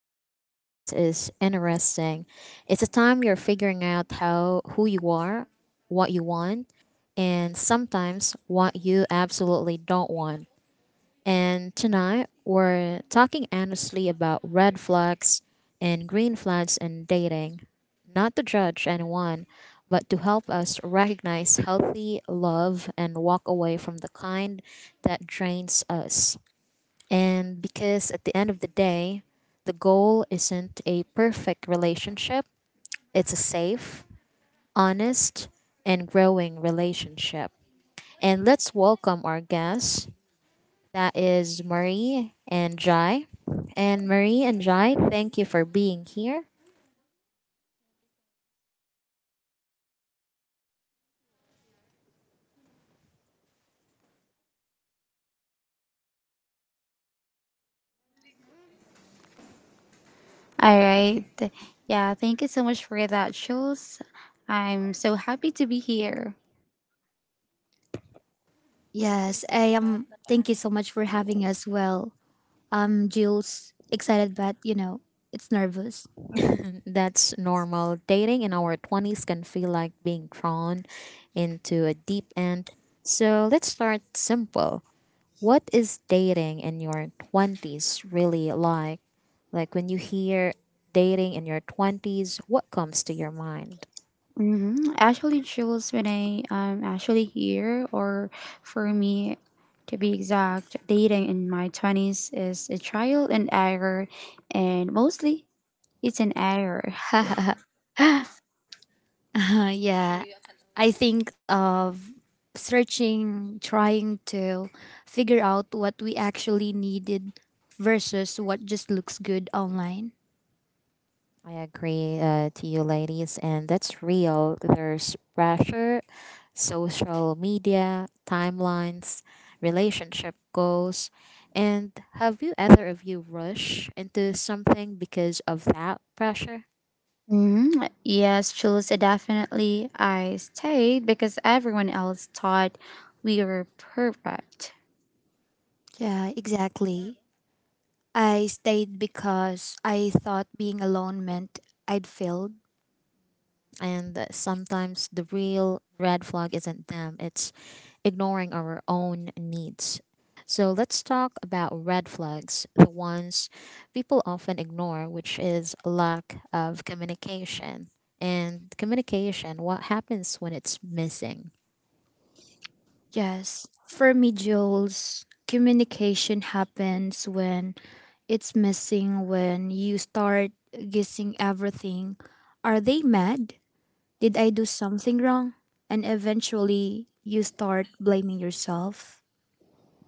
in your 20s is interesting. It's a time you're figuring out how who you are, what you want, and sometimes what you absolutely don't want. And tonight we're talking honestly about red flags and green flags in dating. Not to judge anyone, but to help us recognize healthy love and walk away from the kind that drains us. And because at the end of the day, the goal isn't a perfect relationship, it's a safe, honest, and growing relationship. And let's welcome our guests. That is Marie and Jai. And Marie and Jai, thank you for being here. All right. Yeah, thank you so much for that, Jules. I'm so happy to be here. Yes, I am. Thank you so much for having us. Well, Jill's excited but, you know, it's nervous. That's normal. Dating in our 20s can feel like being drawn into a deep end. So let's start simple. What is dating in your 20s really like? Like when you hear dating in your 20s, what comes to your mind? Actually, Jules, when I am actually here, or for me to be exact, dating in my 20s is a trial and error, and mostly it's an error. Yeah, I think of searching, trying to figure out what we actually needed versus what just looks good online. I agree to you, ladies, and that's real. There's pressure, social media, timelines, relationship goals. And have you, either of you, rush into something because of that pressure? hmm Yes, Jules, definitely. I stayed because everyone else thought we were perfect. Yeah, exactly. I stayed because I thought being alone meant I'd failed. And that sometimes the real red flag isn't them, it's ignoring our own needs. So let's talk about red flags, the ones people often ignore, which is lack of communication. And communication, what happens when it's missing? Yes, for me, Jules, communication happens when it's missing, when you start guessing everything. Are they mad? Did I do something wrong? And eventually, you start blaming yourself.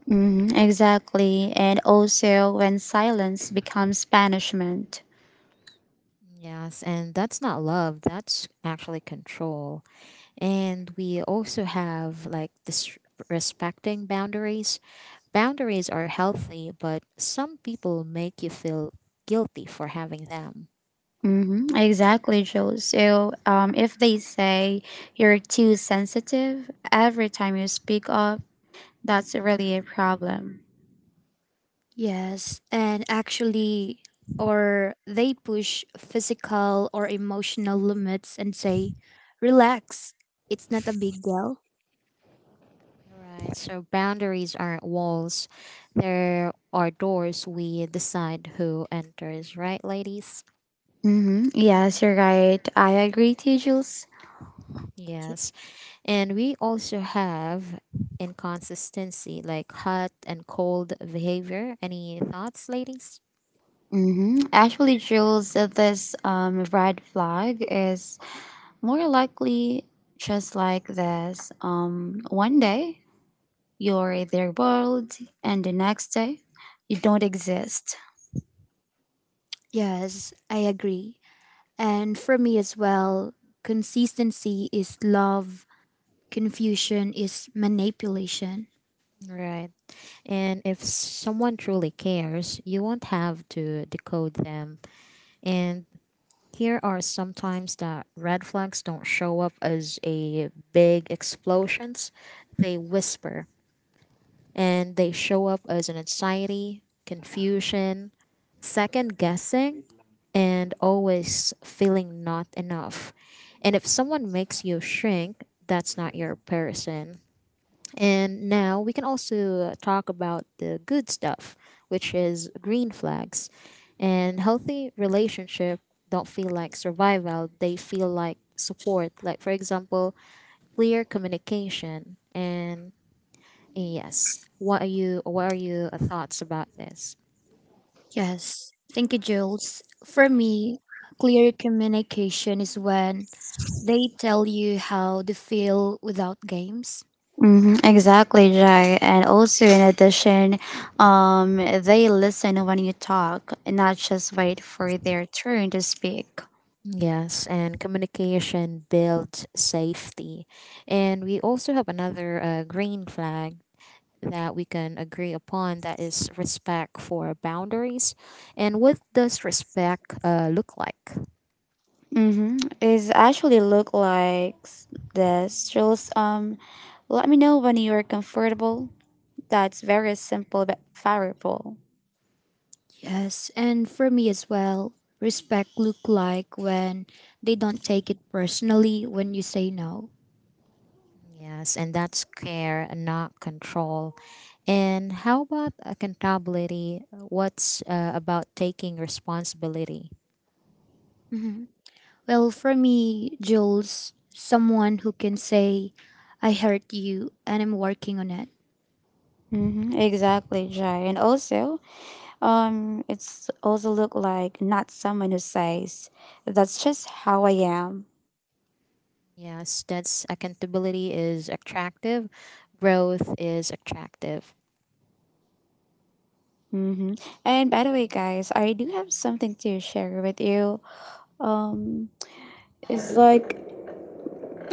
Mhm, exactly. And also when silence becomes punishment. Yes, and that's not love, that's actually control. And we also have like this respecting boundaries. Boundaries are healthy, but some people make you feel guilty for having them. Mm-hmm, exactly, Joe. So, if they say you're too sensitive every time you speak up, that's really a problem. Yes, and actually, or they push physical or emotional limits and say, relax, it's not a big deal. Right, so boundaries aren't walls, there are doors we decide who enters, right, ladies? Mm-hmm. Yes, you're right. I agree to you, Jules. Yes, and we also have inconsistency like hot and cold behavior. Any thoughts, ladies? Mm-hmm. Actually, Jules, this red flag is more likely just like this. One day, you're their world, and the next day, you don't exist. Yes, I agree. And for me as well, consistency is love, confusion is manipulation. Right. And if someone truly cares, you won't have to decode them. And here are sometimes that red flags don't show up as a big explosions. They whisper and they show up as an anxiety, confusion, second guessing, and always feeling not enough. And if someone makes you shrink, that's not your person. And now we can also talk about the good stuff, which is green flags. And healthy relationship don't feel like survival, they feel like support. Like for example, clear communication and yes. What are your thoughts about this? Yes. Thank you, Jules. For me, clear communication is when they tell you how they feel without games. Exactly, Jai. And also, in addition, they listen when you talk, not just wait for their turn to speak. Yes, and communication builds safety. And we also have another green flag that we can agree upon, that is respect for boundaries. And what does respect look like? Mm-hmm. It actually look like this. Just let me know when you're comfortable. That's very simple but powerful. Yes. And for me as well, respect look like when they don't take it personally when you say no. Yes, and that's care, not control. And how about accountability? What's about taking responsibility? Mm-hmm. Well, for me, Jules, someone who can say, I hurt you and I'm working on it. Mm-hmm. Exactly, Jai. And also, it's also look like not someone who says, that's just how I am. Yes, that's accountability is attractive, growth is attractive. Mm-hmm. And by the way, guys, I do have something to share with you. Um, it's like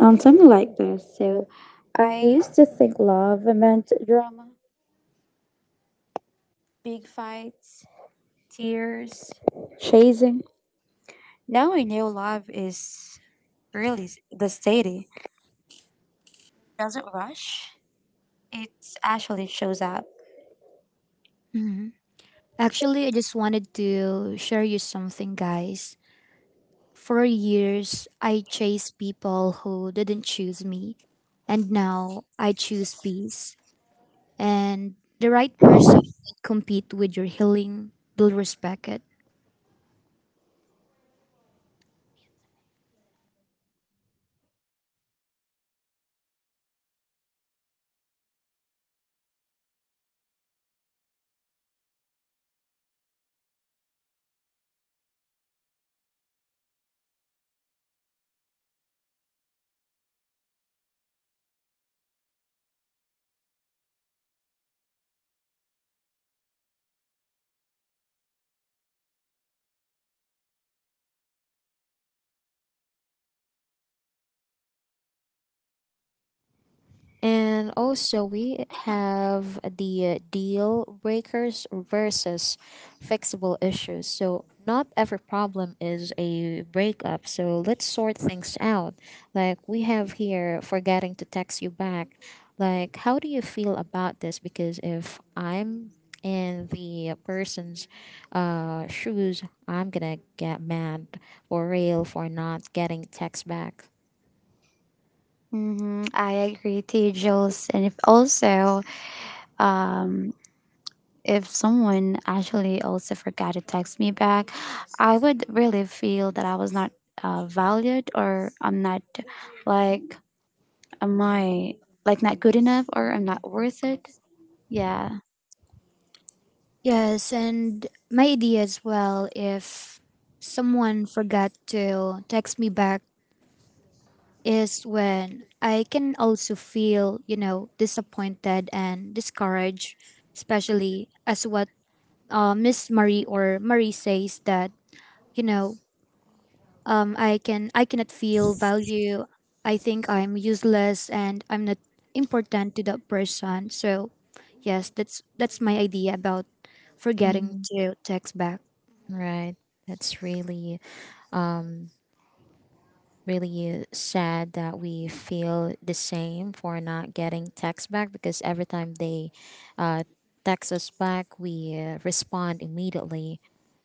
something like this. So, I used to think love meant drama, big fights, tears, chasing. Now I know love is really the steady. Doesn't rush. It actually shows up. Mhm. Actually, I just wanted to share you something, guys. For years, I chased people who didn't choose me, and now I choose peace. And the right person will compete with your healing, they'll respect it. And also, we have the deal breakers versus fixable issues. So, not every problem is a breakup. So, let's sort things out. Like, we have here forgetting to text you back. Like, how do you feel about this? Because if I'm in the person's shoes, I'm gonna get mad or rail for not getting text back. Mm-hmm. I agree to you, Jules. And um, if someone actually also forgot to text me back, I would really feel that I was not valued, or I'm not like, am I like not good enough, or I'm not worth it? Yeah. Yes, and my idea as well, if someone forgot to text me back, is when I can also feel, you know, disappointed and discouraged, especially as what Miss Marie or Marie says that, you know, I cannot feel value. I think I'm useless and I'm not important to that person. So yes, that's my idea about forgetting hmm to text back. Right. That's really um, really sad that we feel the same for not getting text back, because every time they uh, text us back, we respond immediately.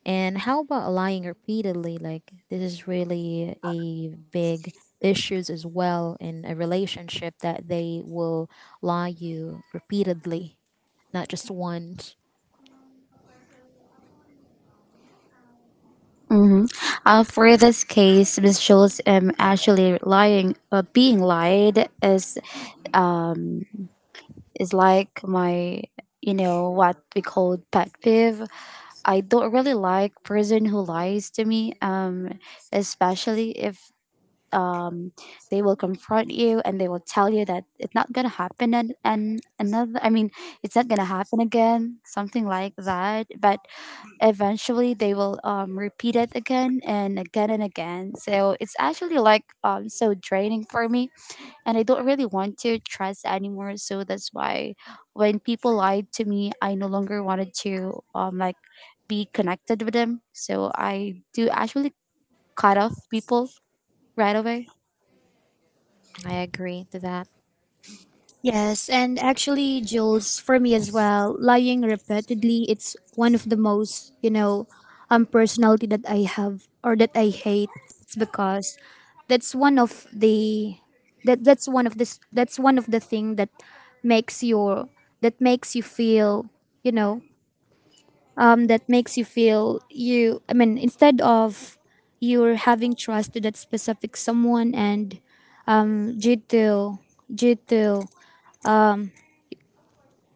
And how about lying repeatedly? Like this is really a big issues as well in a relationship, that they will lie you repeatedly, not just once. Mm-hmm. For this case, Miss Jules, actually being lied um, is like my, you know, what we call pet peeve. I don't really like person who lies to me, especially if um, they will confront you and they will tell you that it's not gonna happen and another, I mean, it's not gonna happen again, something like that. But eventually they will repeat it again and again and again. So it's actually like so draining for me, and I don't really want to trust anymore. So that's why when people lied to me, I no longer wanted to be connected with them. So I do actually cut off people right away. I agree to that. Yes, and actually, Jules, for me as well, lying repeatedly, it's one of the most, you know, personality that I have or that I hate. It's because that's one of the that's one of the thing that makes your that makes you feel, you know, that makes you feel you. I mean, instead of you're having trust to that specific someone, and um, due to due to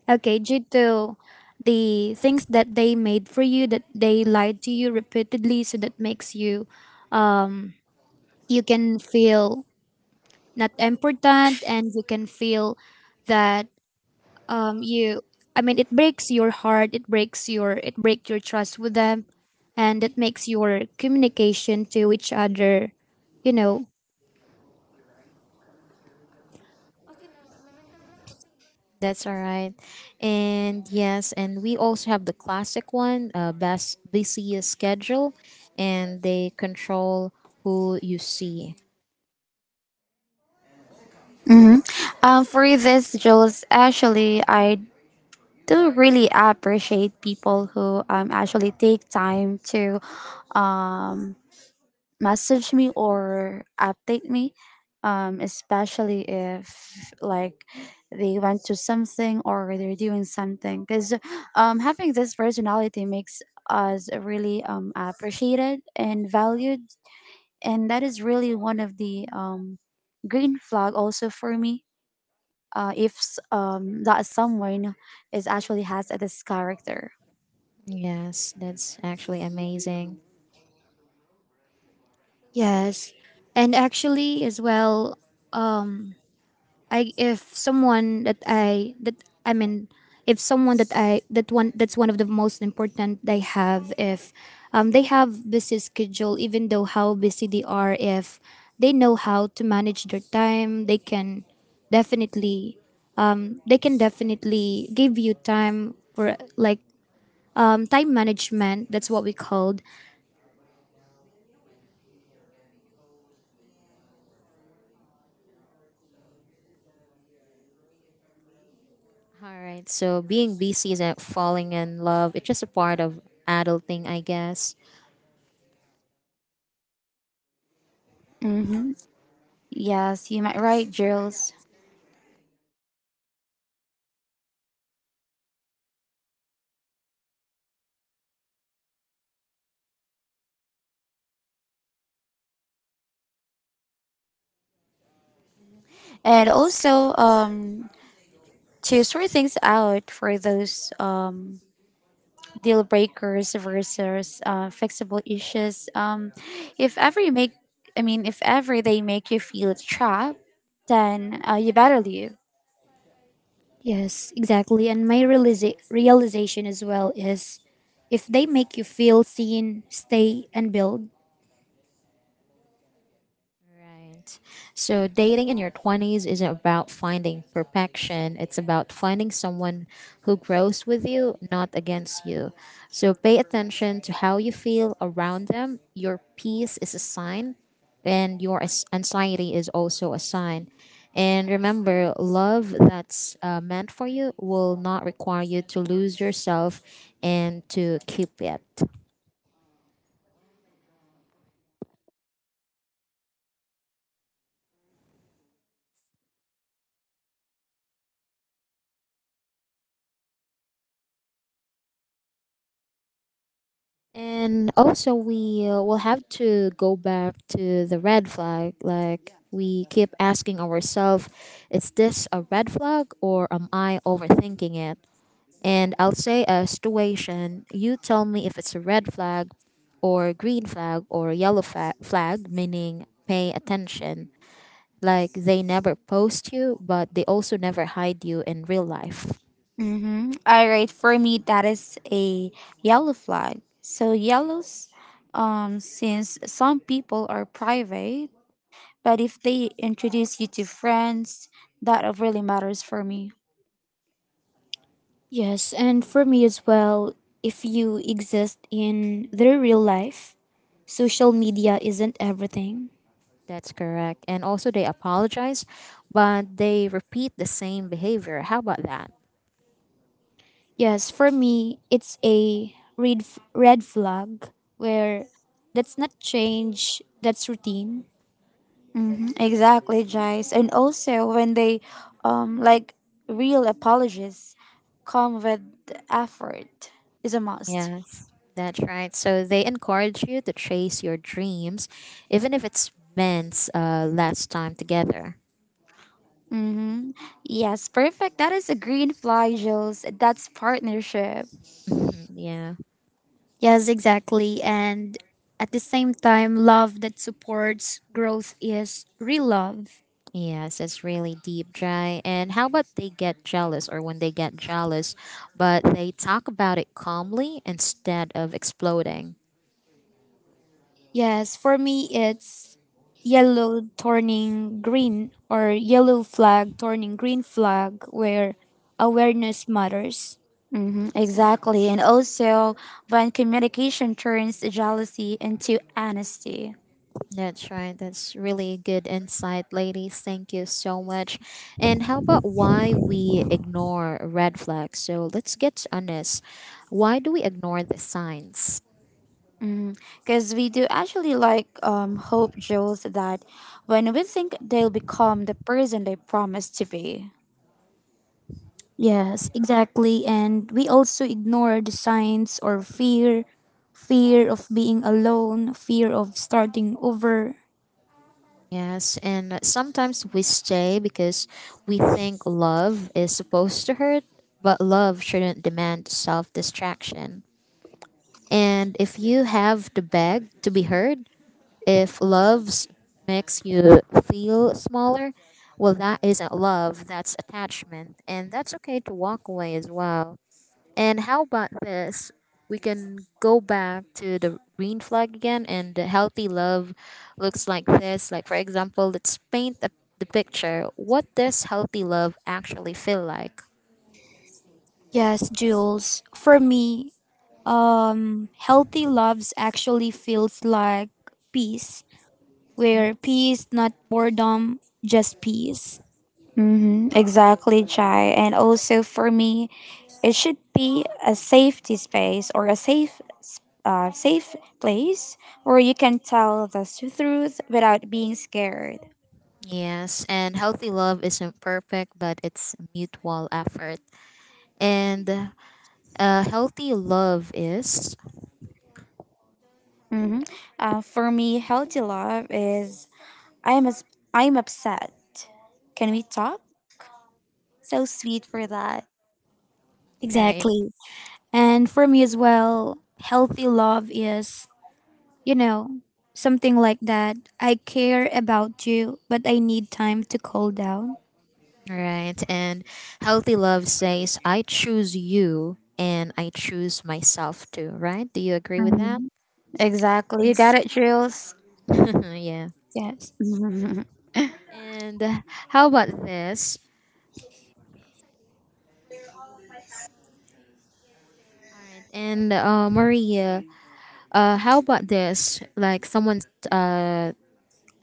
Okay, due to the things that they made for you, that they lied to you repeatedly, so that makes you, um, you can feel not important, and you can feel that you. I mean, it breaks your heart. It breaks your it break your trust with them, and that makes your communication to each other, you know. That's all right. And yes, and we also have the classic one, best busiest schedule, and they control who you see. Mm-hmm. For this, Jules, actually, I do really appreciate people who actually take time to um, message me or update me, especially if like they went to something or they're doing something, because having this personality makes us really appreciated and valued, and that is really one of the green flag also for me, if s- that someone is actually has this character. Yes, that's actually amazing. Yes, and actually as well, I if someone that I mean if someone that I that's one of the most important they have, if they have busy schedule, even though how busy they are, if they know how to manage their time, they can definitely give you time for, like, time management, that's what we called. All right, so being busy and falling in love, it's just a part of adulting, I guess. mm-hmm. Yes, you might right, Jules. And also to sort things out for those deal breakers versus fixable issues. If ever you make, I mean, If ever they make you feel trapped, then you better leave. Yes, exactly. And my realization as well is, if they make you feel seen, stay and build. Right. So dating in your 20s isn't about finding perfection. It's about finding someone who grows with you, not against you. So pay attention to how you feel around them. Your peace is a sign, and your anxiety is also a sign. And remember, love that's meant for you will not require you to lose yourself and to keep it. And also, we will have to go back to the red flag. Like, we keep asking ourselves, is this a red flag or am I overthinking it? And I'll say a situation. You tell me if it's a red flag or green flag or yellow flag, meaning pay attention. Like, they never post you, but they also never hide you in real life. Mm-hmm. All right, for me, that is a yellow flag. So yellows, since some people are private, but if they introduce you to friends, that really matters for me. Yes, and for me as well, if you exist in their real life, social media isn't everything. That's correct. And also, they apologize, but they repeat the same behavior. How about that? Yes, for me, it's a red flag where that's not change, that's routine. Exactly, Jace. And also when they, um, like real apologies, come with effort is a must. Yes, that's right. So they encourage you to chase your dreams, even if it's meant less time together. Mm-hmm. Yes, perfect. That is a green flag, Jules. That's partnership. Mhm, yeah. Yes, exactly. And at the same time, love that supports growth is real love. Yes, it's really deep, Jai. And how about they get jealous or when they get jealous, but they talk about it calmly instead of exploding? Yes, for me it's yellow turning green, or yellow flag turning green flag, where awareness matters. Mm-hmm, exactly. And also, when communication turns jealousy into honesty. That's right. That's really good insight, ladies. Thank you so much. And how about why we ignore red flags? So let's get honest. Why do we ignore the signs? Because we do actually hope, Jules, that when we think they'll become the person they promised to be. Yes, exactly. And we also ignore the signs or fear, fear of being alone, fear of starting over. Yes, and sometimes we stay because we think love is supposed to hurt, but love shouldn't demand self distraction. And if you have to beg to be heard, if loves makes you feel smaller, well, that isn't love, that's attachment. And that's okay to walk away as well. And how about this? We can go back to the green flag again, and the healthy love looks like this. Like, for example, let's paint the picture. What does healthy love actually feel like? Yes, Jules. For me, healthy loves actually feels like peace, Hmm? where peace, not boredom, just peace. Exactly, Jai. And also for me, it should be a safety space, or a safe place where you can tell the truth without being scared. Yes, and healthy love isn't perfect, but it's mutual effort. And healthy love is hmm for me, healthy love is I'm as I'm upset. Can we talk? So sweet for that. right, Exactly. And for me as well, healthy love is, you know, something like that. I care about you, but I need time to cool down. right. and healthy love says, I choose you and I choose myself too, right? Do you agree with that? Mhm. Exactly. You got Yes. it, Jules. yeah. Yes. And how about this? All right. And Maria, how about this? Like someone uh,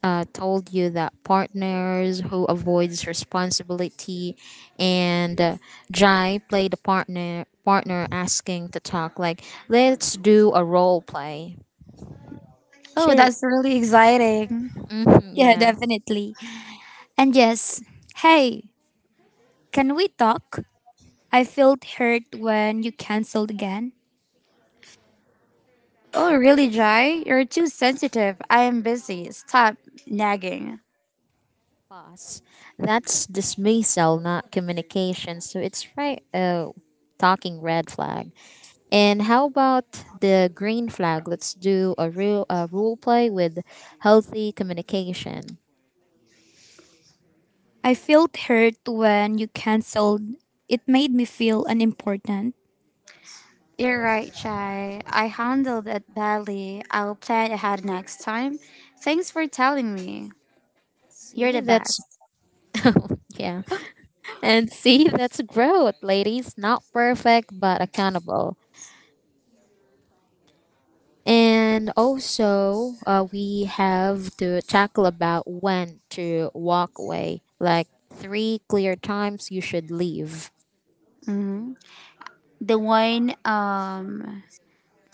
told you that partners who avoids responsibility and Jai played a partner asking to talk, like let's do a role play. Oh, Sure. that's really exciting. Yeah, Yeah. definitely. And yes, hey, can we talk? I felt hurt when you canceled again. Oh, really, Jai? You're too sensitive. I am busy. Stop nagging. Pause. That's dismissal, not communication. So it's right. Talking red flag. And how about the green flag? Let's do a real a role play with healthy communication. I felt hurt when you canceled. It made me feel unimportant. You're right, Jai. I handled it badly. I'll plan ahead next time. Thanks for telling me. You're See, the that's best. yeah, and see, that's growth, ladies. Not perfect, but accountable. And also, we have to tackle about when to walk away. Like three clear times you should leave. hmm The wine, um,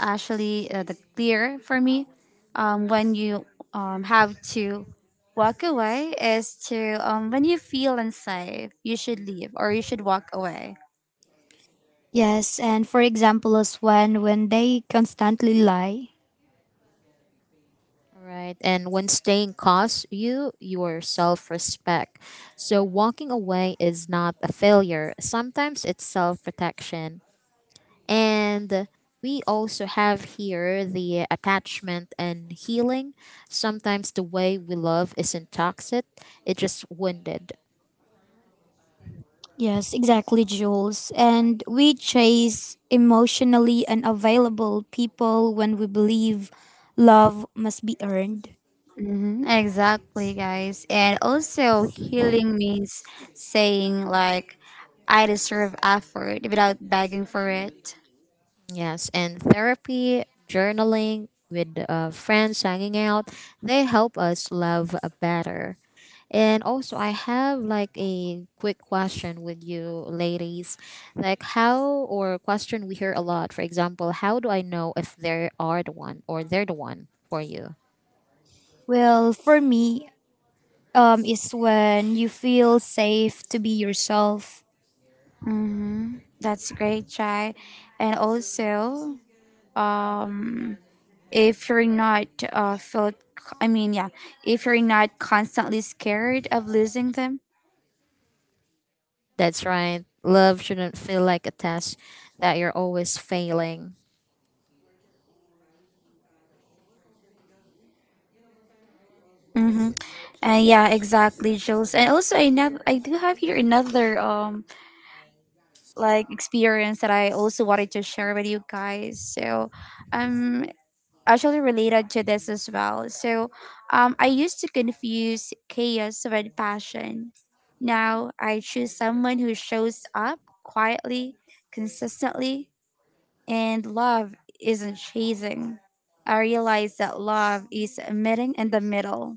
the clear for me, when you have to walk away is to when you feel unsafe, you should leave or you should walk away. Yes, and for example, as when they constantly lie. All right. And when staying costs you your self respect. So walking away is not a failure. Sometimes it's self protection. And we also have here the attachment and healing. Sometimes the way we love isn't toxic, it's just wounded. Yes, exactly, Jules. And we chase emotionally unavailable people when we believe love must be earned. Mm-hmm, exactly, guys. And also, healing means saying, like, I deserve effort without begging for it. Yes, and therapy, journaling with friends, hanging out, they help us love better. And also, I have like a quick question with you, ladies. Like, how, or question we hear a lot, for example, how do I know if they are the one or they're the one for you? Well, for me, is when you feel safe to be yourself. Mm-hmm. That's great, Chai. And also, um, if you're not felt, I mean, yeah, if you're not constantly scared of losing them. That's right. Love shouldn't feel like a test that you're always failing. Mm-hmm. And yeah, exactly, Jules. And also, I do have here another experience that I also wanted to share with you guys. So um actually Related to this as well. I used to confuse chaos with passion. Now I choose someone who shows up quietly, consistently, and love isn't chasing. I realize that love is meeting in the middle.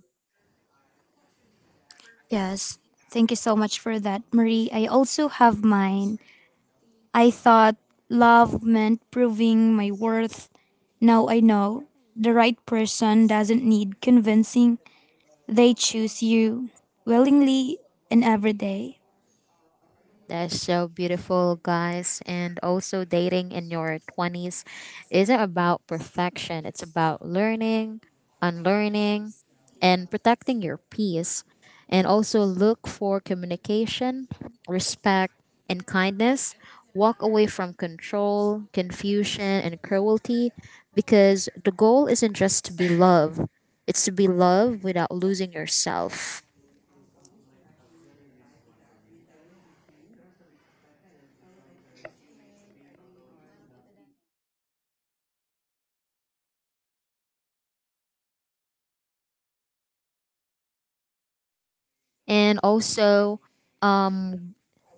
Yes, thank you so much for that, Marie. I also have mine. I thought love meant proving my worth. Now I know the right person doesn't need convincing. They choose you willingly and every day. That's so beautiful, guys. And also, dating in your 20s isn't about perfection, it's about learning, unlearning, and protecting your peace. And also, look for communication, respect, and kindness. Walk away from control, confusion, and cruelty, because the goal isn't just to be loved, it's to be loved without losing yourself. And also, um,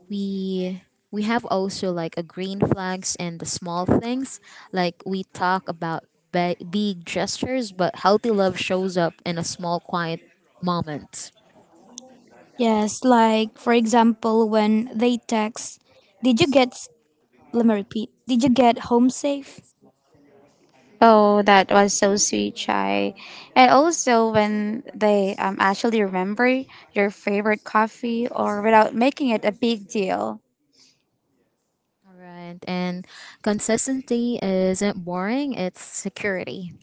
we we have also like a green flags and the small things, like we talk about big gestures, but healthy love shows up in a small quiet moment. Yes, like for example, when they text, did you let me repeat, did you get home safe? Oh, that was so sweet, Chai. And also when they actually remember your favorite coffee, or without making it a big deal. All right, and consistency isn't boring, it's security.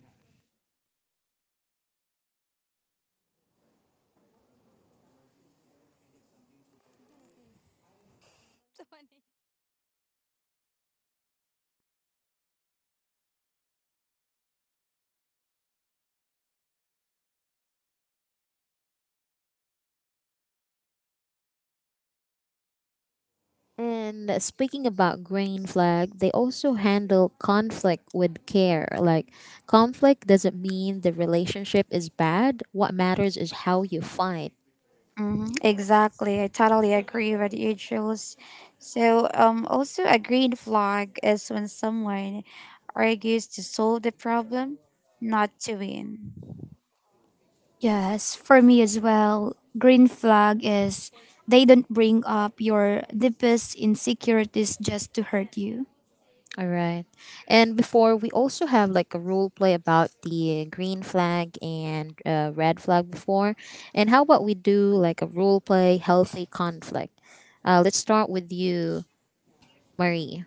And speaking about green flag, they also handle conflict with care. Like conflict doesn't mean the relationship is bad, what matters is how you fight. Exactly. I totally agree with you, Jules. So, also a green flag is when someone argues to solve the problem, not to win. Yes, for me as well, green flag is, they don't bring up your deepest insecurities just to hurt you. All right. And before we also have like a role play about the green flag and red flag before. And how about we do like a role play healthy conflict? Let's start with you, Marie.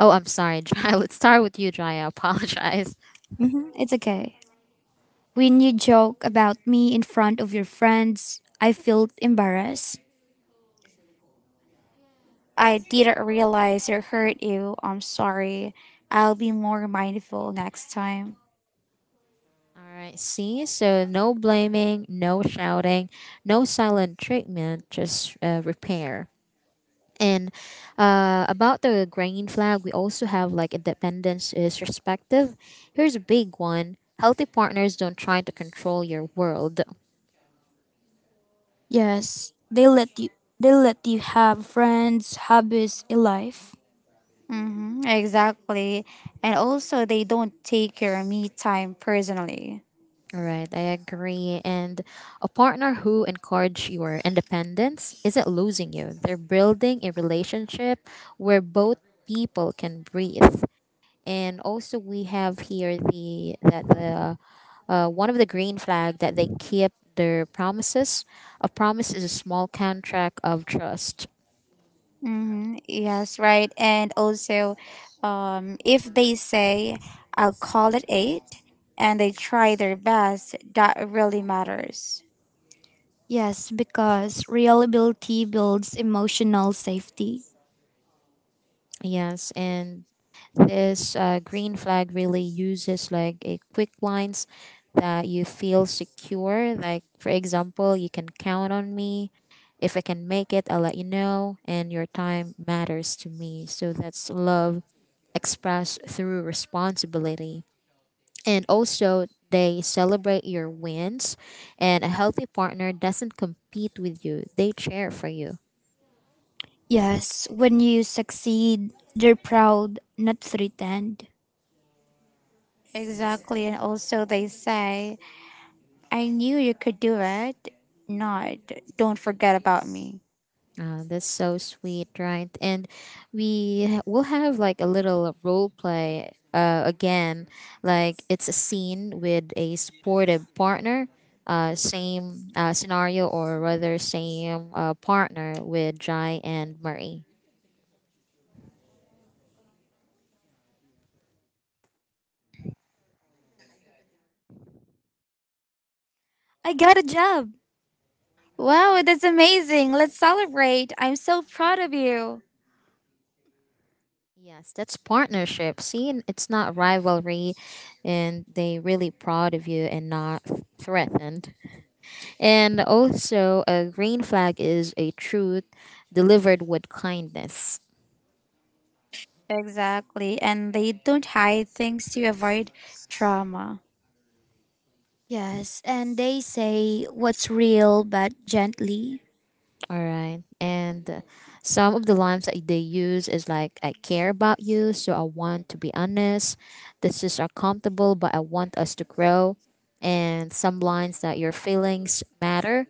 Oh, I'm sorry, Jaya. Let's start with you, Jaya. I apologize. Hmm It's okay. When you joke about me in front of your friends, I feel embarrassed. I didn't realize it hurt you. I'm sorry. I'll be more mindful next time. All right. See, so no blaming, no shouting, no silent treatment, just repair. And about the grain flag, we also have like independence is respective. Here's a big one. Healthy partners don't try to control your world. Yes, they let you have friends, hobbies, a life. Mm-hmm, exactly. And also, they don't take your me time personally. All right, I agree. And a partner who encourage your independence isn't losing you. They're building a relationship where both people can breathe. And also we have here the one of the green flag, that they keep their promises. A promise is a small contract of trust. Mm-hmm. Yes, right. And also, if they say, I'll call it eight, and they try their best, that really matters. Yes, because reliability builds emotional safety. Yes, and this green flag really uses like a quick lines that you feel secure. Like for example, you can count on me. If I can make it, I'll let you know. And your time matters to me. So that's love expressed through responsibility. And also they celebrate your wins, and a healthy partner doesn't compete with you, they cheer for you. Yes, when you succeed, they're proud, not threatened. Exactly. And also, they say, I knew you could do it. Not, don't forget about me. That's so sweet, right? And we will have like a little role play again, like it's a scene with a supportive partner, same scenario, or rather same partner with Jai and Marie. I got a job. Wow, that's amazing. Let's celebrate. I'm so proud of you. Yes, that's partnership. See, and it's not rivalry, and they really proud of you and not threatened. And also, a green flag is a truth delivered with kindness. Exactly. And they don't hide things to avoid trauma. Yes, and they say what's real but gently. All right, and some of the lines that they use is like, "I care about you, so I want to be honest. This is uncomfortable, but I want us to grow." And some lines that your feelings matter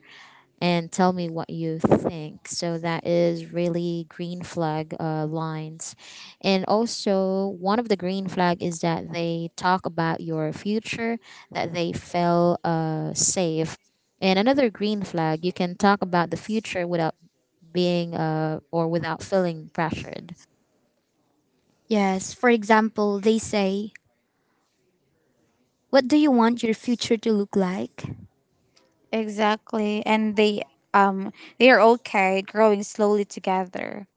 and tell me what you think. So that is really green flag lines. And also, one of the green flag is that they talk about your future, that they feel safe. And another green flag, you can talk about the future without being or without feeling pressured. Yes, for example, they say, what do you want your future to look like? Exactly. And um they are okay growing slowly together.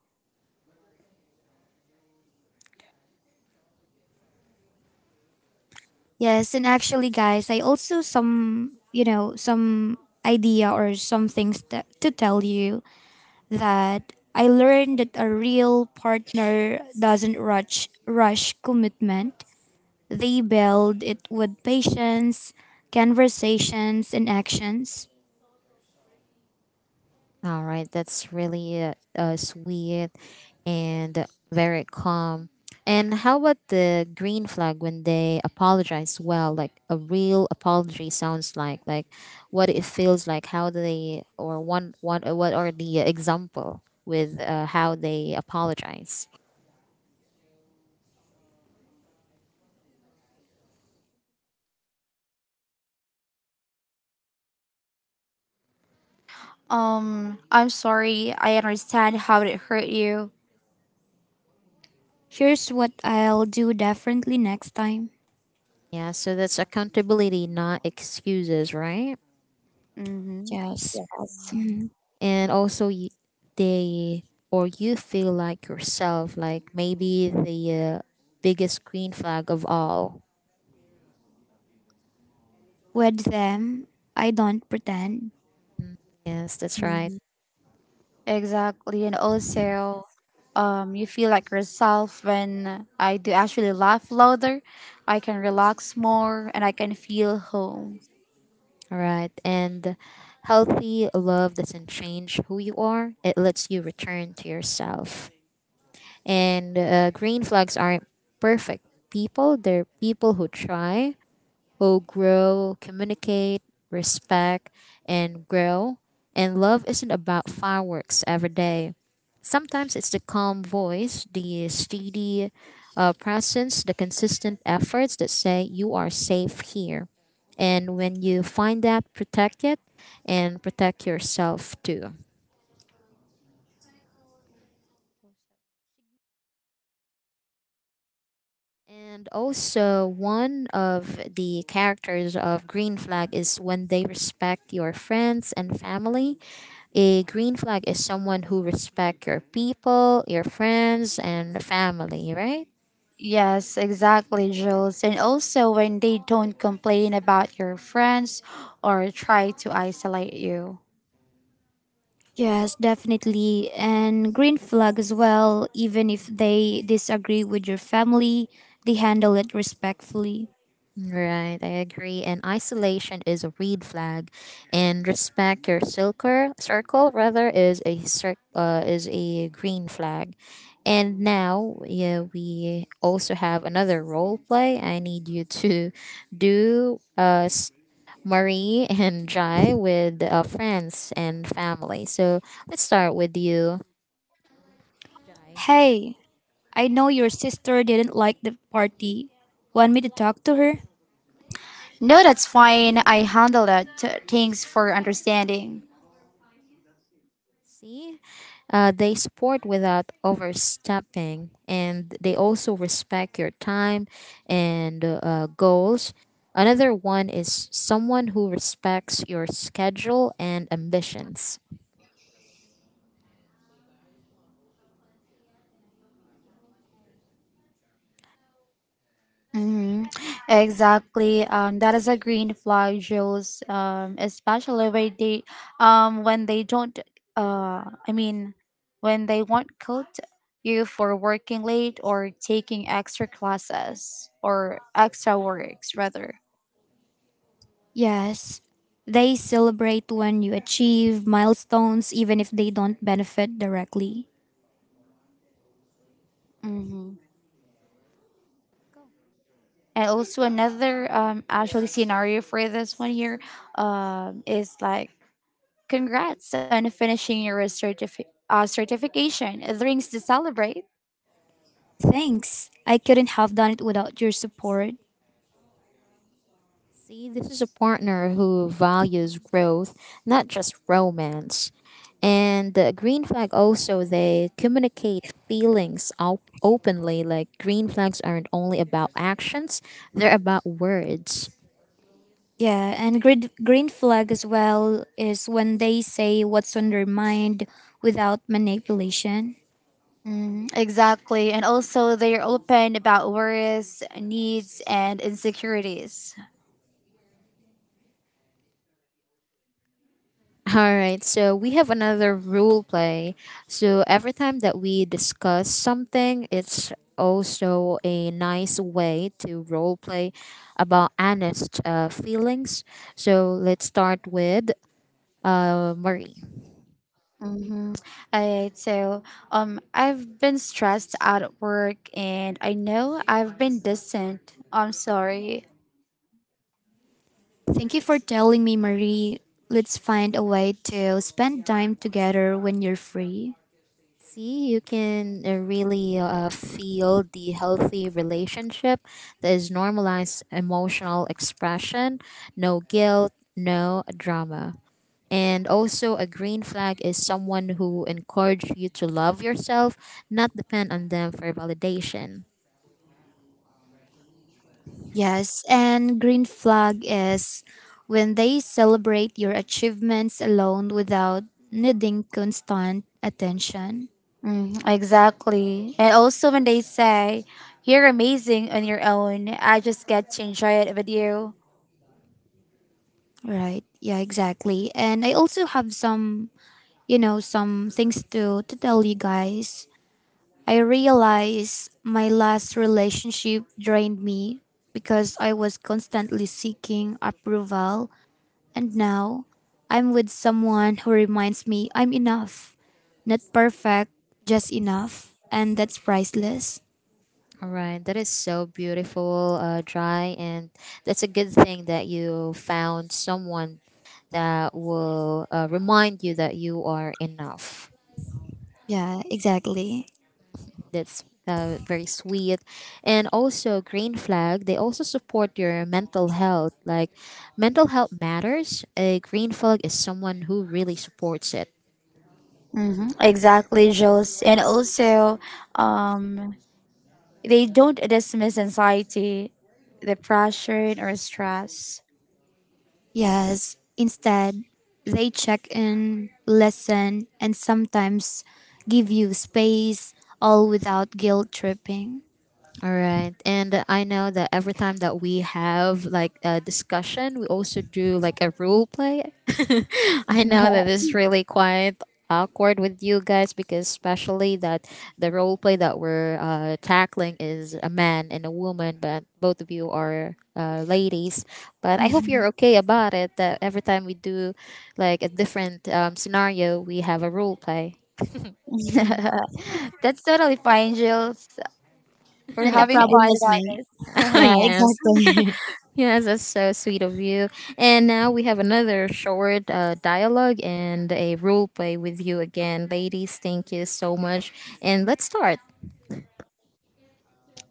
Yes, and actually, guys, I also some, you know, some idea or some things that, to tell you, that I learned that a real partner doesn't rush commitment. They build it with patience, conversations, and actions. All right, that's really sweet and very calm. And how about the green flag when they apologize? Well, like a real apology sounds like, what it feels like, how they or one one what are the example with how they apologize? I'm sorry. I understand how it hurt you. Here's what I'll do differently next time. Yeah, so that's accountability, not excuses, right? Mm-hmm. Yes. Yes. Mhm. And also you, they or you feel like yourself, like maybe the biggest green flag of all. With them, I don't pretend. Yes, that's right. Mm-hmm. Exactly. And also, you feel like yourself when I do actually laugh louder. I can relax more and I can feel home. All right, and healthy love doesn't change who you are, it lets you return to yourself. And green flags aren't perfect people, they're people who try, who grow, communicate, respect, and grow. And love isn't about fireworks every day. Sometimes it's the calm voice, the steady presence, the consistent efforts that say you are safe here. And when you find that, protect it and protect yourself too. And also, one of the characters of green flag is when they respect your friends and family. A green flag is someone who respect your people, your friends, and family, right? Yes, exactly, Jules. And also when they don't complain about your friends or try to isolate you. Yes, definitely. And green flag as well, even if they disagree with your family, they handle it respectfully. Right, I agree. And isolation is a red flag, and respect your circle. Circle rather is a is a green flag. And now, yeah, we also have another role play. I need you to do Marie and Jai with friends and family. So let's start with you, Jai. Hey, I know your sister didn't like the party. Want me to talk to her? No, that's fine. I handle that. Thanks for understanding. See, they support without overstepping, and they also respect your time and goals. Another one is someone who respects your schedule and ambitions. hmm Exactly. That is a green flag, Jules. Especially when they don't. Uh, I mean, when they won't coach you for working late or taking extra classes, or extra works, rather. Yes. They celebrate when you achieve milestones, even if they don't benefit directly. Mm-hmm. And also another actually scenario for this one here is like, Congrats on finishing your certification. The rings to celebrate. Thanks. I couldn't have done it without your support. See, this is a partner who values growth, not just romance. And the green flag also, they communicate feelings openly. Like green flags aren't only about actions, they're about words. Yeah, and green flag as well is when they say what's on their mind without manipulation. Mm, exactly. And also, they're open about worries, needs, and insecurities. All right, so we have another rule play. So every time that we discuss something, it's also a nice way to role play about honest feelings. So let's start with Marie. Mm-hmm. Alright, so I've been stressed out at work, and I know I've been distant. I'm sorry. Thank you for telling me, Marie. Let's find a way to spend time together when you're free. See, you can really feel the healthy relationship that is normalized emotional expression, no guilt, no drama. And also, a green flag is someone who encourages you to love yourself, not depend on them for validation. Yes, and green flag is when they celebrate your achievements alone without needing constant attention. Mm, exactly. And also, when they say you're amazing on your own, I just get to enjoy it with you. Right. Yeah, exactly. And I also have some, you know, some things to tell you guys. I realized my last relationship drained me because I was constantly seeking approval, and now I'm with someone who reminds me I'm enough. Not perfect, just enough, and that's priceless. All right, that is so beautiful, Dry. And that's a good thing that you found someone that will remind you that you are enough. Yeah, exactly. That's very sweet. And also, green flag, they also support your mental health. Like, mental health matters. A green flag is someone who really supports it. Exactly, Jules. And also, um, they don't dismiss anxiety, depression, or stress. Yes, instead, they check in, listen, and sometimes give you space, all without guilt tripping. All right. And I know that every time that we have like a discussion, we also do like a role play. I know that it's really quite awkward with you guys, because especially that the role play that we're tackling is a man and a woman, but both of you are ladies. But I hope you're okay about it that every time we do like a different scenario, we have a role play. That's totally fine, Jules. We're Not a having Okay. problem fun with about me. this. Yeah, Yes. exactly. Yes, that's so sweet of you. And now we have another short dialogue and a role play with you again. Ladies, thank you so much. And let's start.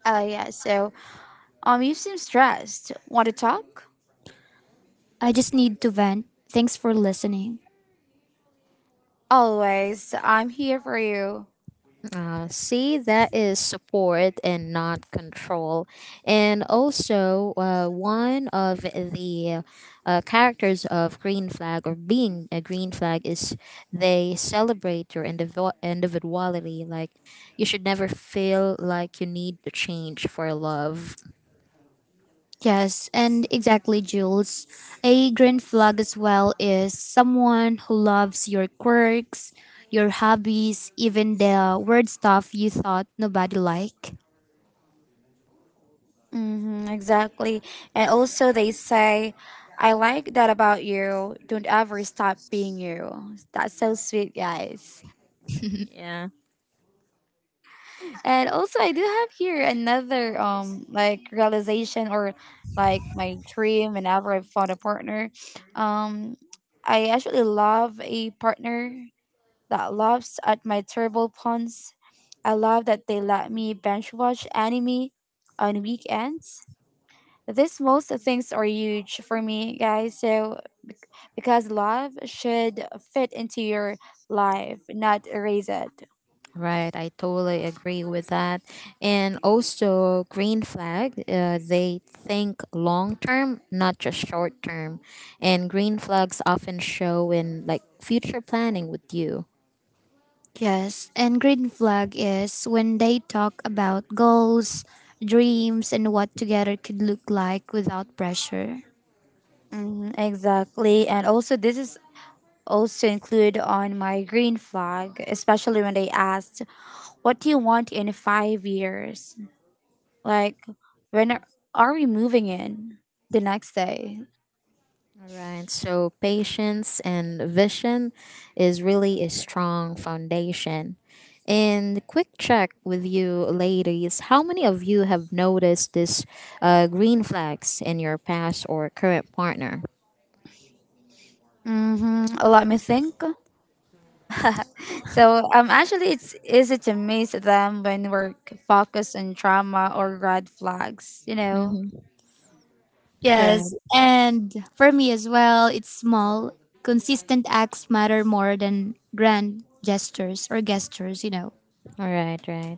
Oh yeah, so you seem stressed. Want to talk? I just need to vent. Thanks for listening. Always. I'm here for you. See, that is support and not control. And also, one of the characters of green flag or being a green flag is they celebrate your individuality. Like, you should never feel like you need to change for love. Yes, and exactly, Jules. A green flag as well is someone who loves your quirks, your hobbies, even the weird stuff you thought nobody liked. Mm-hmm, exactly. And also, they say, I like that about you. Don't ever stop being you. That's so sweet, guys. Yeah. And also, I do have here another realization, or like my dream whenever I found a partner. Um, I actually love a partner that laughs at my terrible puns. I love that they let me binge watch anime on weekends. These most things are huge for me, guys. So, because love should fit into your life, not erase it. Right, I totally agree with that. And also, green flag, they think long term, not just short term. And green flags often show in like future planning with you. Yes, and green flag is when they talk about goals, dreams, and what together could look like without pressure. Mhm, exactly. And also, this is also included on my green flag, especially when they asked, "What do you want in 5 years?" Like, when are, are we moving in the next day? All right, so patience and vision is really a strong foundation. And quick check with you, ladies. How many of you have noticed this green flags in your past or current partner? Mm-hmm. Let me think. so actually it's easy to miss them when we're focused on trauma or red flags, you know. Mm-hmm. Yes, and for me as well, it's small, consistent acts matter more than grand gestures or gestures, you know. All right, right.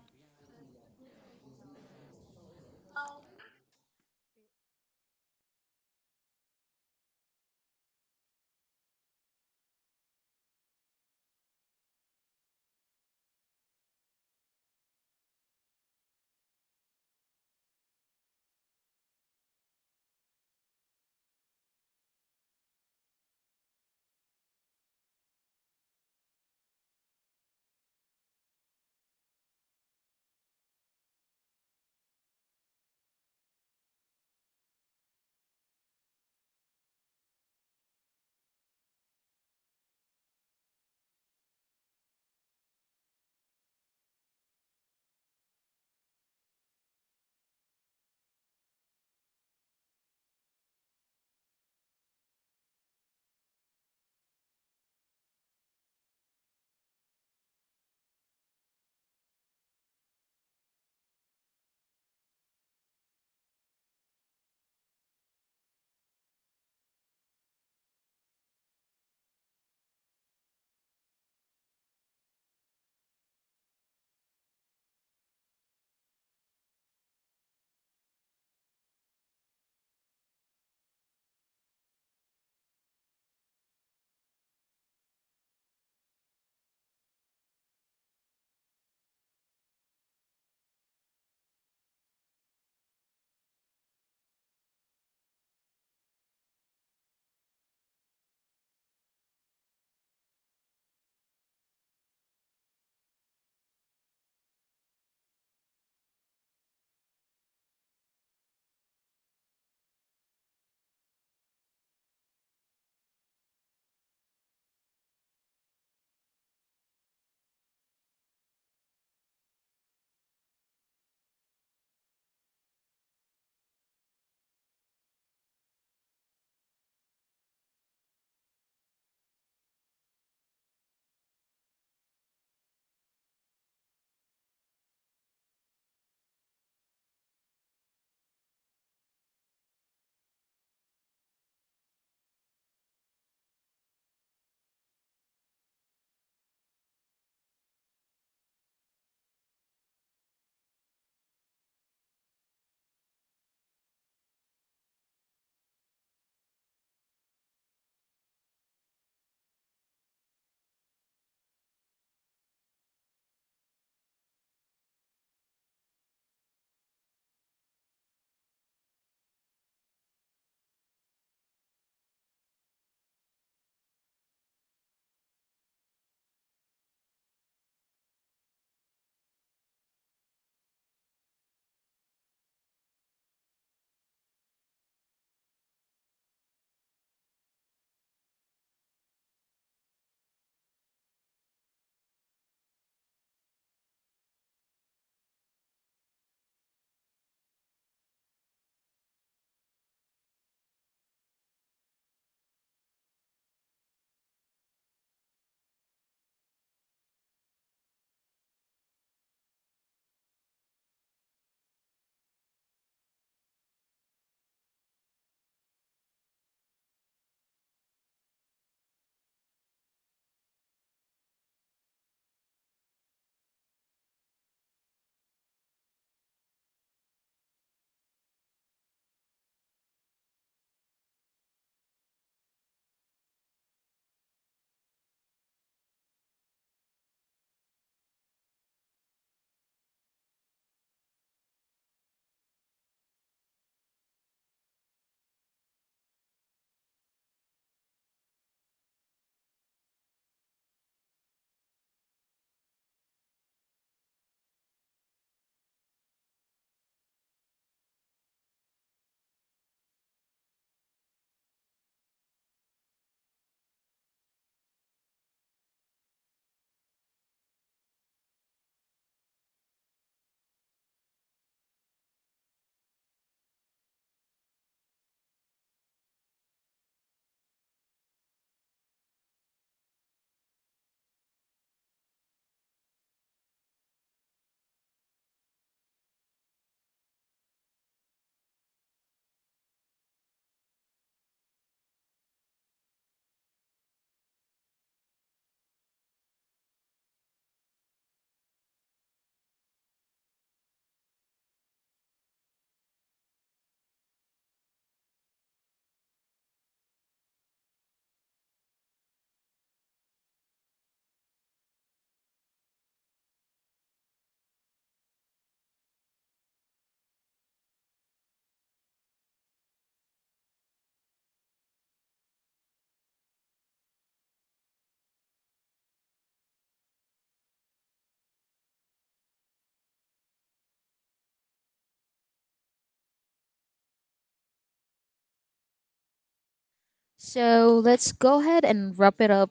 So let's go ahead and wrap it up.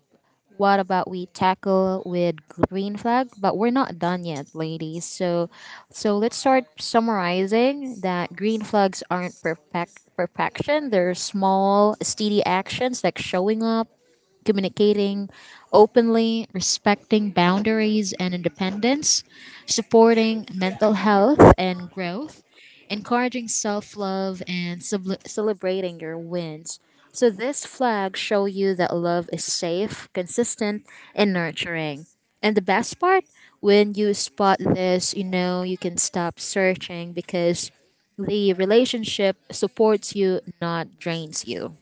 What about we tackle with green flag? But we're not done yet, ladies. So, so let's start summarizing that green flags aren't perfect perfection. They're small, steady actions like showing up, communicating openly, respecting boundaries and independence, supporting mental health and growth, encouraging self love, and celebrating your wins. So, these flags show you that love is safe, consistent, and nurturing. And the best part, when you spot this, you know you can stop searching because the relationship supports you, not drains you.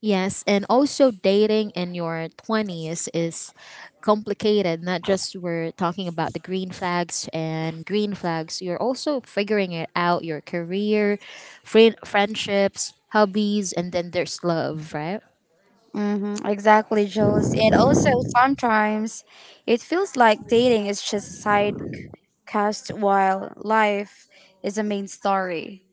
Yes, and also dating in your 20s is complicated. Not just we're talking about the green flags and green flags, you're also figuring it out your career, friendships, hobbies, and then there's love, right? Mm-hmm, exactly, Jules. And also, sometimes it feels like dating is just a side cast while life is a main story.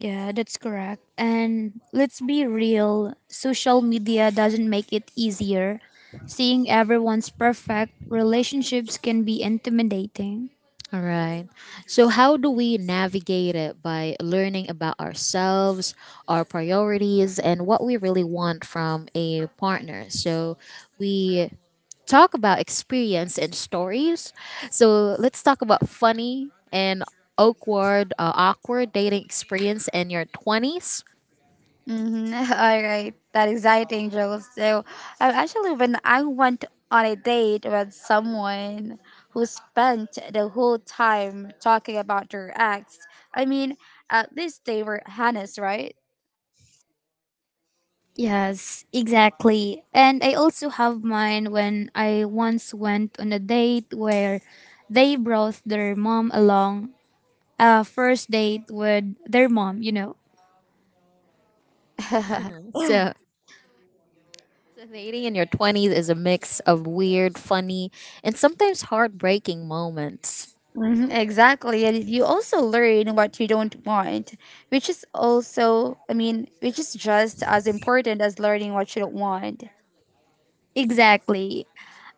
Yeah, that's correct. And let's be real, social media doesn't make it easier. Seeing everyone's perfect relationships can be intimidating. All right. So, how do we navigate it? By learning about ourselves, our priorities, and what we really want from a partner. So, we talk about experience and stories. So, let's talk about funny and awkward dating experience in your 20s. Mm-hmm. All right, that's exciting, Joel. So, actually, when I went on a date with someone who spent the whole time talking about their ex, I mean, at least they were honest, right? Yes, exactly. And I also have mine when I once went on a date where they brought their mom along, a first date with their mom, you know. So, so dating in your 20s is a mix of weird, funny, and sometimes heartbreaking moments. Exactly, and you also learn what you don't want, which is also, I mean, which is just as important as learning what you don't want. Exactly.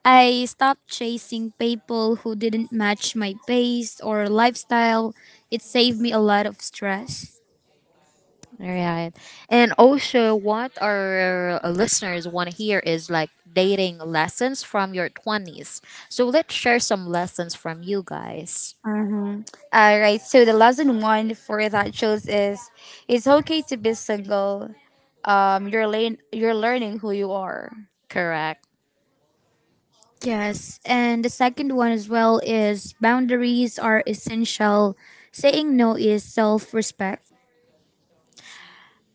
I stopped chasing people who didn't match my pace or lifestyle. It saved me a lot of stress. All right. And also, what our listeners want to hear is like dating lessons from your 20s. So let's share some lessons from you guys. Mm-hmm. All right. So the lesson one for that shows is it's okay to be single. You're learning who you are. Correct. Yes, and the second one as well is boundaries are essential. Saying no is self respect.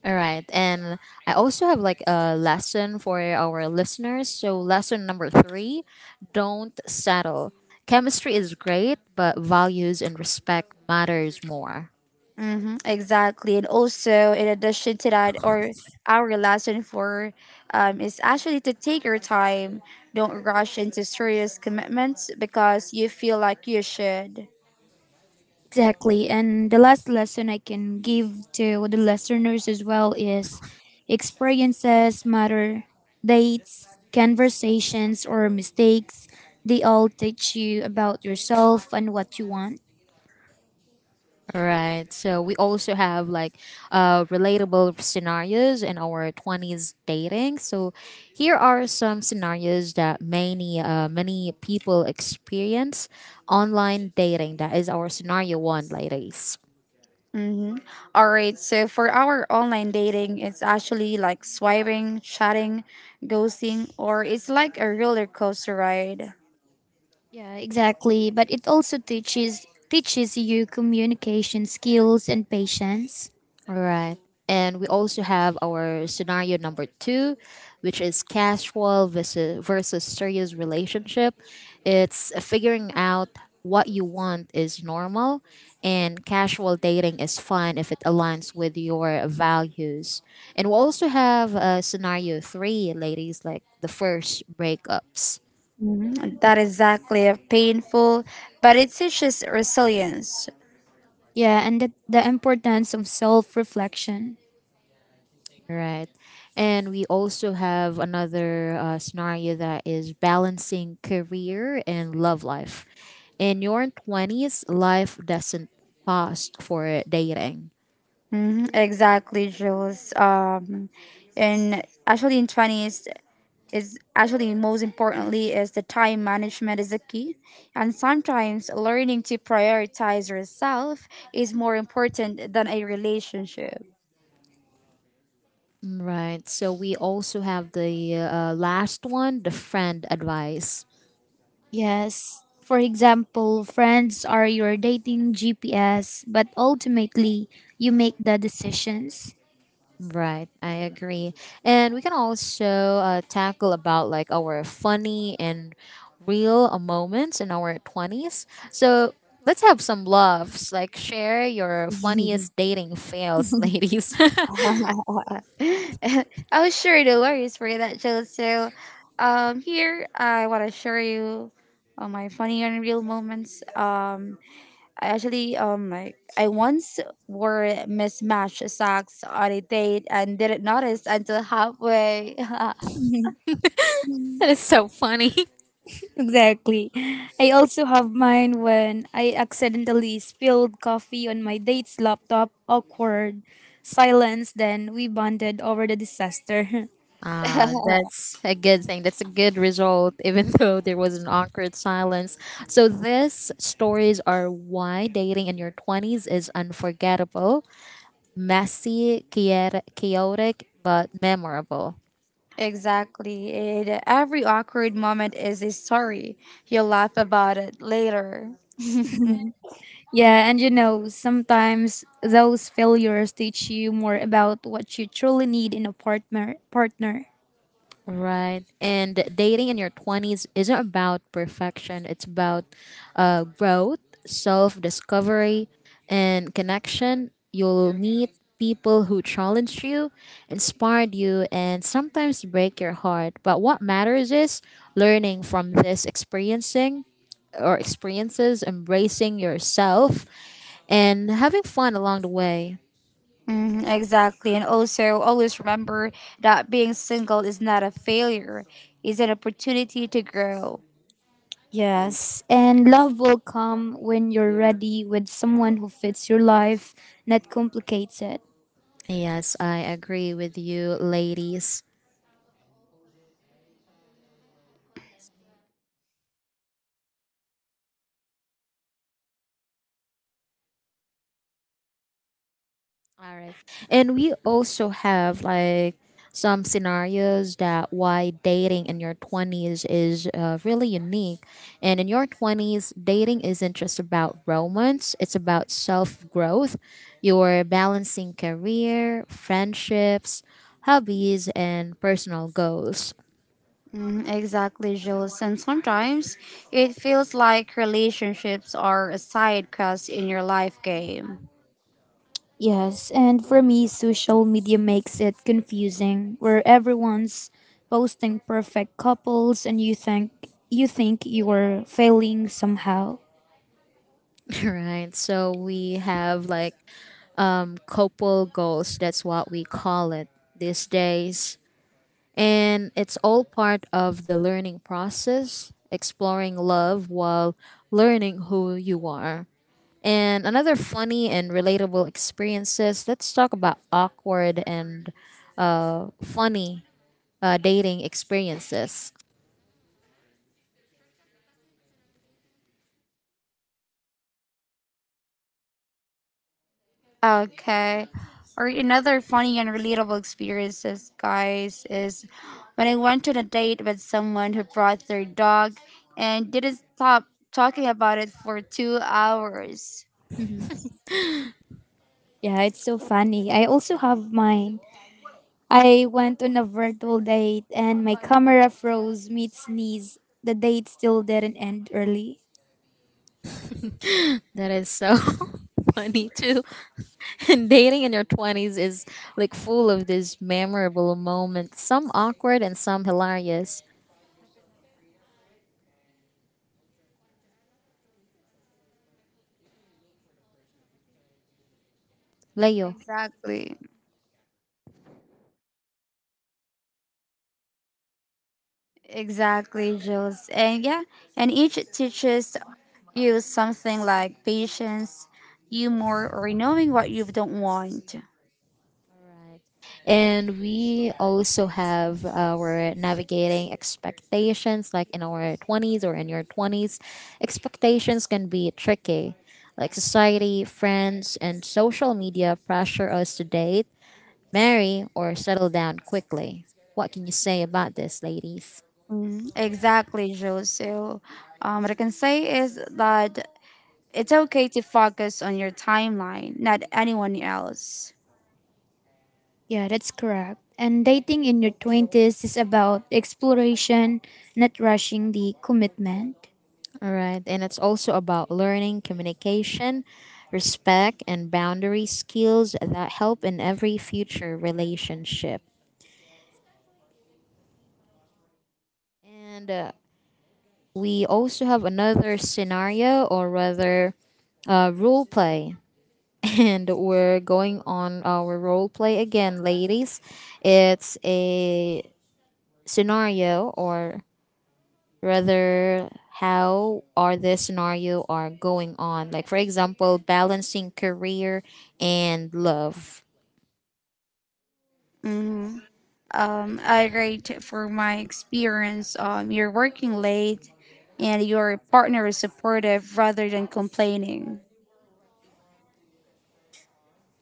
All right. And I also have like a lesson for our listeners. So, lesson number three, don't settle. Chemistry is great, but values and respect matters more. Mm-hmm. Exactly. And also, in addition to that, or our lesson for is actually to take your time. Don't rush into serious commitments because you feel like you should. Exactly. And the last lesson I can give to the listeners as well is, experiences matter. Dates, conversations, or mistakes, they all teach you about yourself and what you want. All right. So we also have like relatable scenarios in our 20s dating. So here are some scenarios that many people experience online dating. That is our scenario one, ladies. Mm-hmm. All right. So for our online dating, it's actually like swiping, chatting, ghosting, or it's like a roller coaster ride. Yeah, exactly. But it also teaches you communication skills and patience. All right. And we also have our scenario number two, which is casual versus serious relationship. It's figuring out what you want is normal, and casual dating is fun if it aligns with your values. And we also have scenario three, ladies, like the first breakups. Mhm. That is exactly a painful, but it teaches resilience. Yeah, and the importance of self-reflection. Right. And we also have another scenario, that is balancing career and love life. In your 20s, life doesn't pause for dating. Exactly, Jules. And actually, in twenties is actually most importantly is the time management is a key, and sometimes learning to prioritize yourself is more important than a relationship. Right. So we also have the last one, the friend advice. Yes. For example, friends are your dating GPS, but ultimately, you make the decisions. Right. I agree. And we can also tackle about like our funny and real moments in our 20s. So let's have some laughs. Like share your funniest dating fails, ladies. Oh, sure, no worries for that, Jill. So, here I want to share you my funny and real moments. I actually like I once wore mismatched socks on a date and didn't notice until halfway. That is so funny. Exactly. I also have mine when I accidentally spilled coffee on my date's laptop. Awkward silence, then we bonded over the disaster. That's a good thing. That's a good result, even though there was an awkward silence. So, these stories are why dating in your 20s is unforgettable, messy, chaotic, but memorable. Exactly, and every awkward moment is a story. You'll laugh about it later. Yeah, and you know, sometimes those failures teach you more about what you truly need in a partner. Right. And dating in your 20s isn't about perfection, it's about growth, self discovery, and connection. You'll meet people who challenge you, inspire you, and sometimes break your heart. But what matters is learning from this experiencing or experiences, embracing yourself, and having fun along the way. Mhm, exactly. And also, always remember that being single is not a failure, it's an opportunity to grow. Yes, and love will come when you're ready with someone who fits your life, not complicates it. Yes, I agree with you, ladies. All right. And we also have like some scenarios that why dating in your 20s is really unique. And in your 20s, dating isn't just about romance, it's about self growth. You're balancing career, friendships, hobbies, and personal goals, Mhm, exactly, Jules. And sometimes it feels like relationships are a side quest in your life game. Yes, and for me, social media makes it confusing, where everyone's posting perfect couples, and you think you're failing somehow. right? So we have like couple goals, that's what we call it these days. And it's all part of the learning process, exploring love while learning who you are. And another funny and relatable experiences, let's talk about awkward and funny dating experiences. Okay. Or another funny and relatable experiences, guys, is when I went on a date with someone who brought their dog and didn't stop talking about it for 2 hours. Yeah, it's so funny. I also have mine. I went on a virtual date, and my camera froze mid sneeze. The date still didn't end early. That is so funny too. And dating in your 20s is like full of these memorable moments, some awkward and some hilarious. Leo. Exactly. Exactly, Jules. And yeah, and each teaches you something like patience, humor, or knowing what you don't want. Right. And we also have our navigating expectations, like in our 20s or in your 20s. Expectations can be tricky. Like society, friends, and social media pressure us to date, marry, or settle down quickly. What can you say about this, ladies? Mm, exactly, Jules. So, what I can say is that it's okay to focus on your timeline, not anyone else. Yeah, that's correct. And dating in your 20s is about exploration, not rushing the commitment. All right. And it's also about learning communication, respect, and boundary skills that help in every future relationship. And we also have another scenario, or rather role play, and we're going on our role play again, ladies. It's a scenario, or rather, how are the scenario are going on, like for example balancing career and love. Mm-hmm. I rate for my experience. You're working late, and your partner is supportive rather than complaining.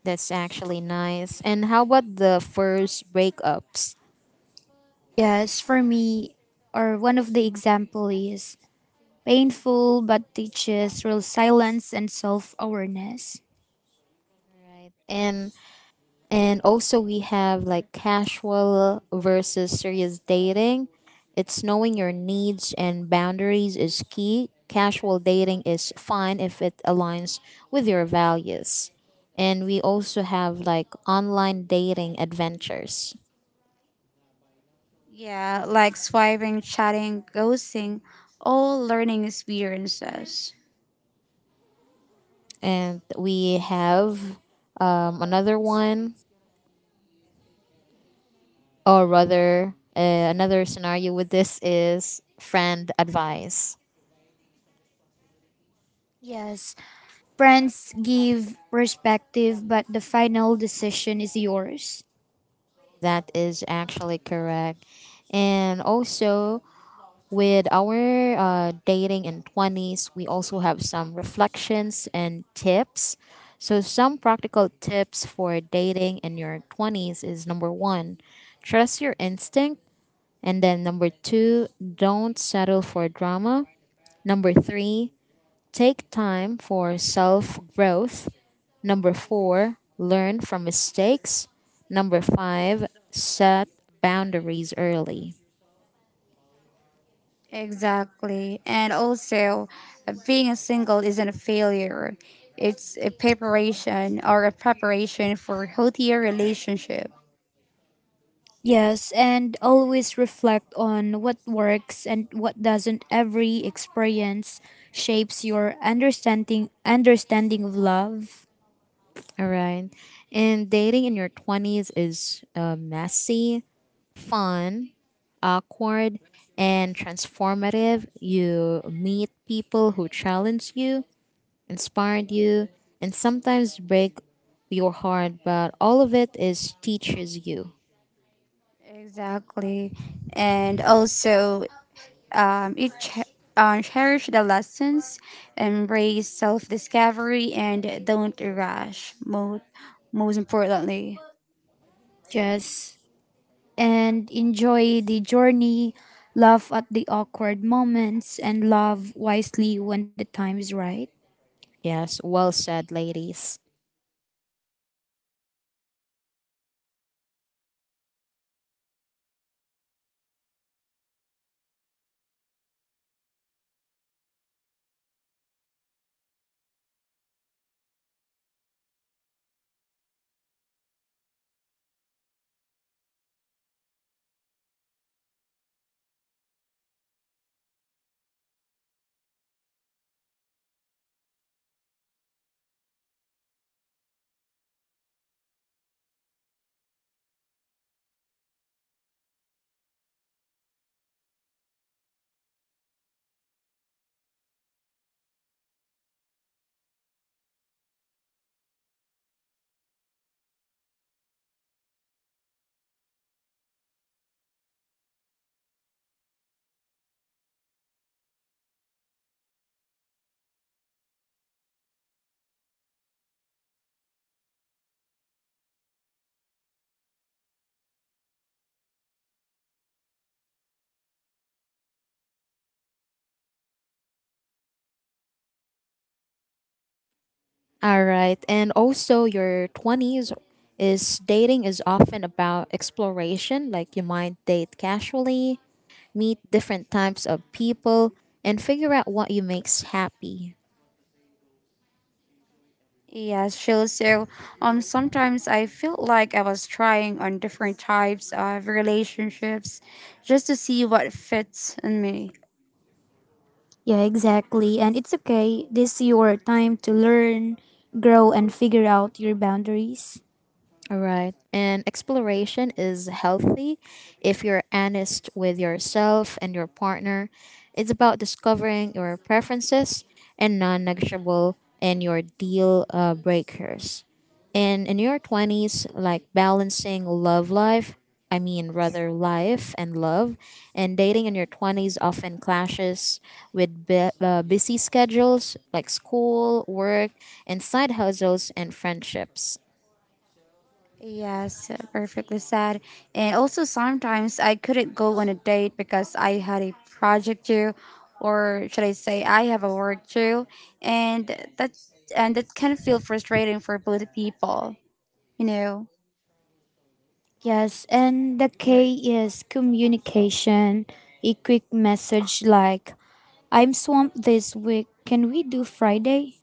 That's actually nice. And how about the first breakups? Yes, for me, or one of the example is, painful but teaches real silence and self-awareness. Right. And also, we have like casual versus serious dating. It's knowing your needs and boundaries is key. Casual dating is fine if it aligns with your values. And we also have like online dating adventures. Yeah, like swiping, chatting, ghosting, all learning experiences. And we have another one, or rather, another scenario with this is friend advice. Yes, friends give perspective, but the final decision is yours. That is actually correct. And also, with our dating in 20s, we also have some reflections and tips. So, some practical tips for dating in your 20s is number one, trust your instinct. And then number two, don't settle for drama. Number three, take time for self growth. Number four, learn from mistakes. Number five, set boundaries early. Exactly. And also, being a single isn't a failure. It's a preparation, or a preparation for healthier relationship. Yes, and always reflect on what works and what doesn't. Every experience shapes your understanding of love. All right. And dating in your 20s is messy, fun, awkward, and transformative. You meet people who challenge you, inspired you, and sometimes break your heart, but all of it is teaches you. Exactly. And also, um, it ch- cherish the lessons, embrace self discovery, and don't rush. Most importantly. Yes, and enjoy the journey, laugh at the awkward moments, and love wisely when the time is right. Yes, well said, ladies. All right. And also, your 20s is dating is often about exploration, like you might date casually, meet different types of people, and figure out what you makes happy. Yeah, sure. So, sometimes I felt like I was trying on different types of relationships just to see what fits in me. Yeah, exactly. And it's okay. This is your time to learn, grow, and figure out your boundaries. All right. And exploration is healthy if you're honest with yourself and your partner. It's about discovering your preferences and non negotiable and your deal breakers. And in your 20s, like balancing love life, I mean, rather life and love, and dating in your 20s often clashes with busy schedules like school, work, and side hustles and friendships. Yes, perfectly said. And also, sometimes I couldn't go on a date because I had a project due, or should I say, I have a work due, and that that can feel frustrating for both people, you know. Yes, and the K is communication. A quick message like, I'm swamped this week. Can we do Friday?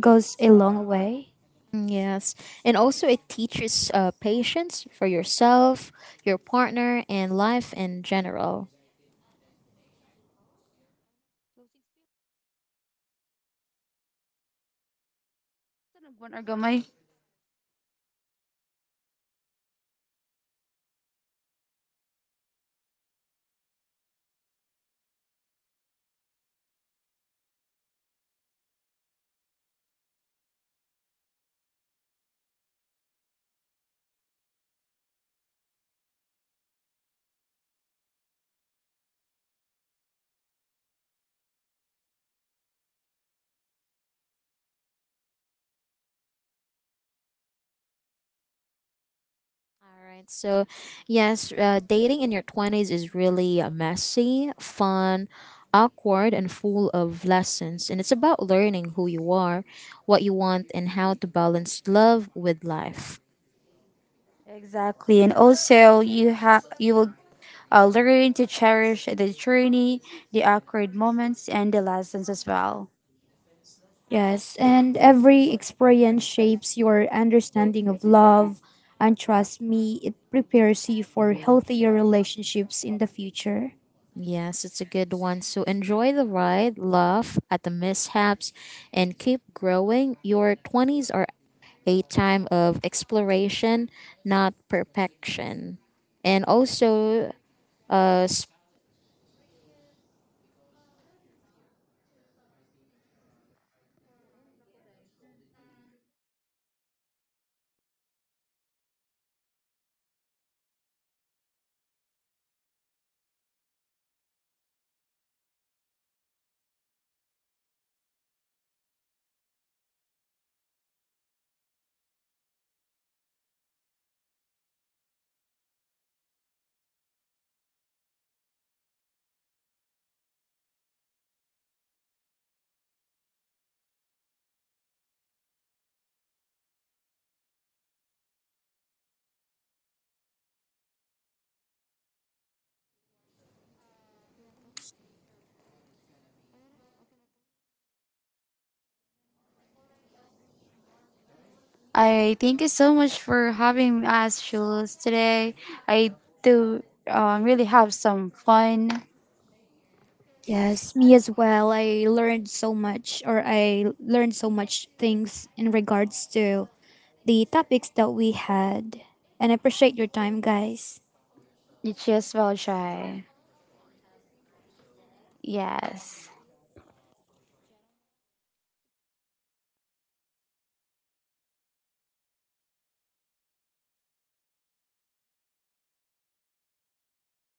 Goes a long way. Mm, yes. And also, it teaches patience for yourself, your partner, and life in general. Ano ba, Argomay? All right. So, yes, dating in your 20s is really messy, fun, awkward, and full of lessons. And it's about learning who you are, what you want, and how to balance love with life. Exactly, and also you will learn to cherish the journey, the awkward moments, and the lessons as well. Yes, and every experience shapes your understanding of love. And trust me, it prepares you for healthier relationships in the future. Yes, it's a good one. So enjoy the ride, laugh at the mishaps, and keep growing. Your 20s are a time of exploration, not perfection. And also, uh, I thank you so much for having us, Jules, today. I do really have some fun. Yes, me as well. I learned so much, or I learned so much things in regards to the topics that we had. And I appreciate your time, guys. You as well, Jai. Yes.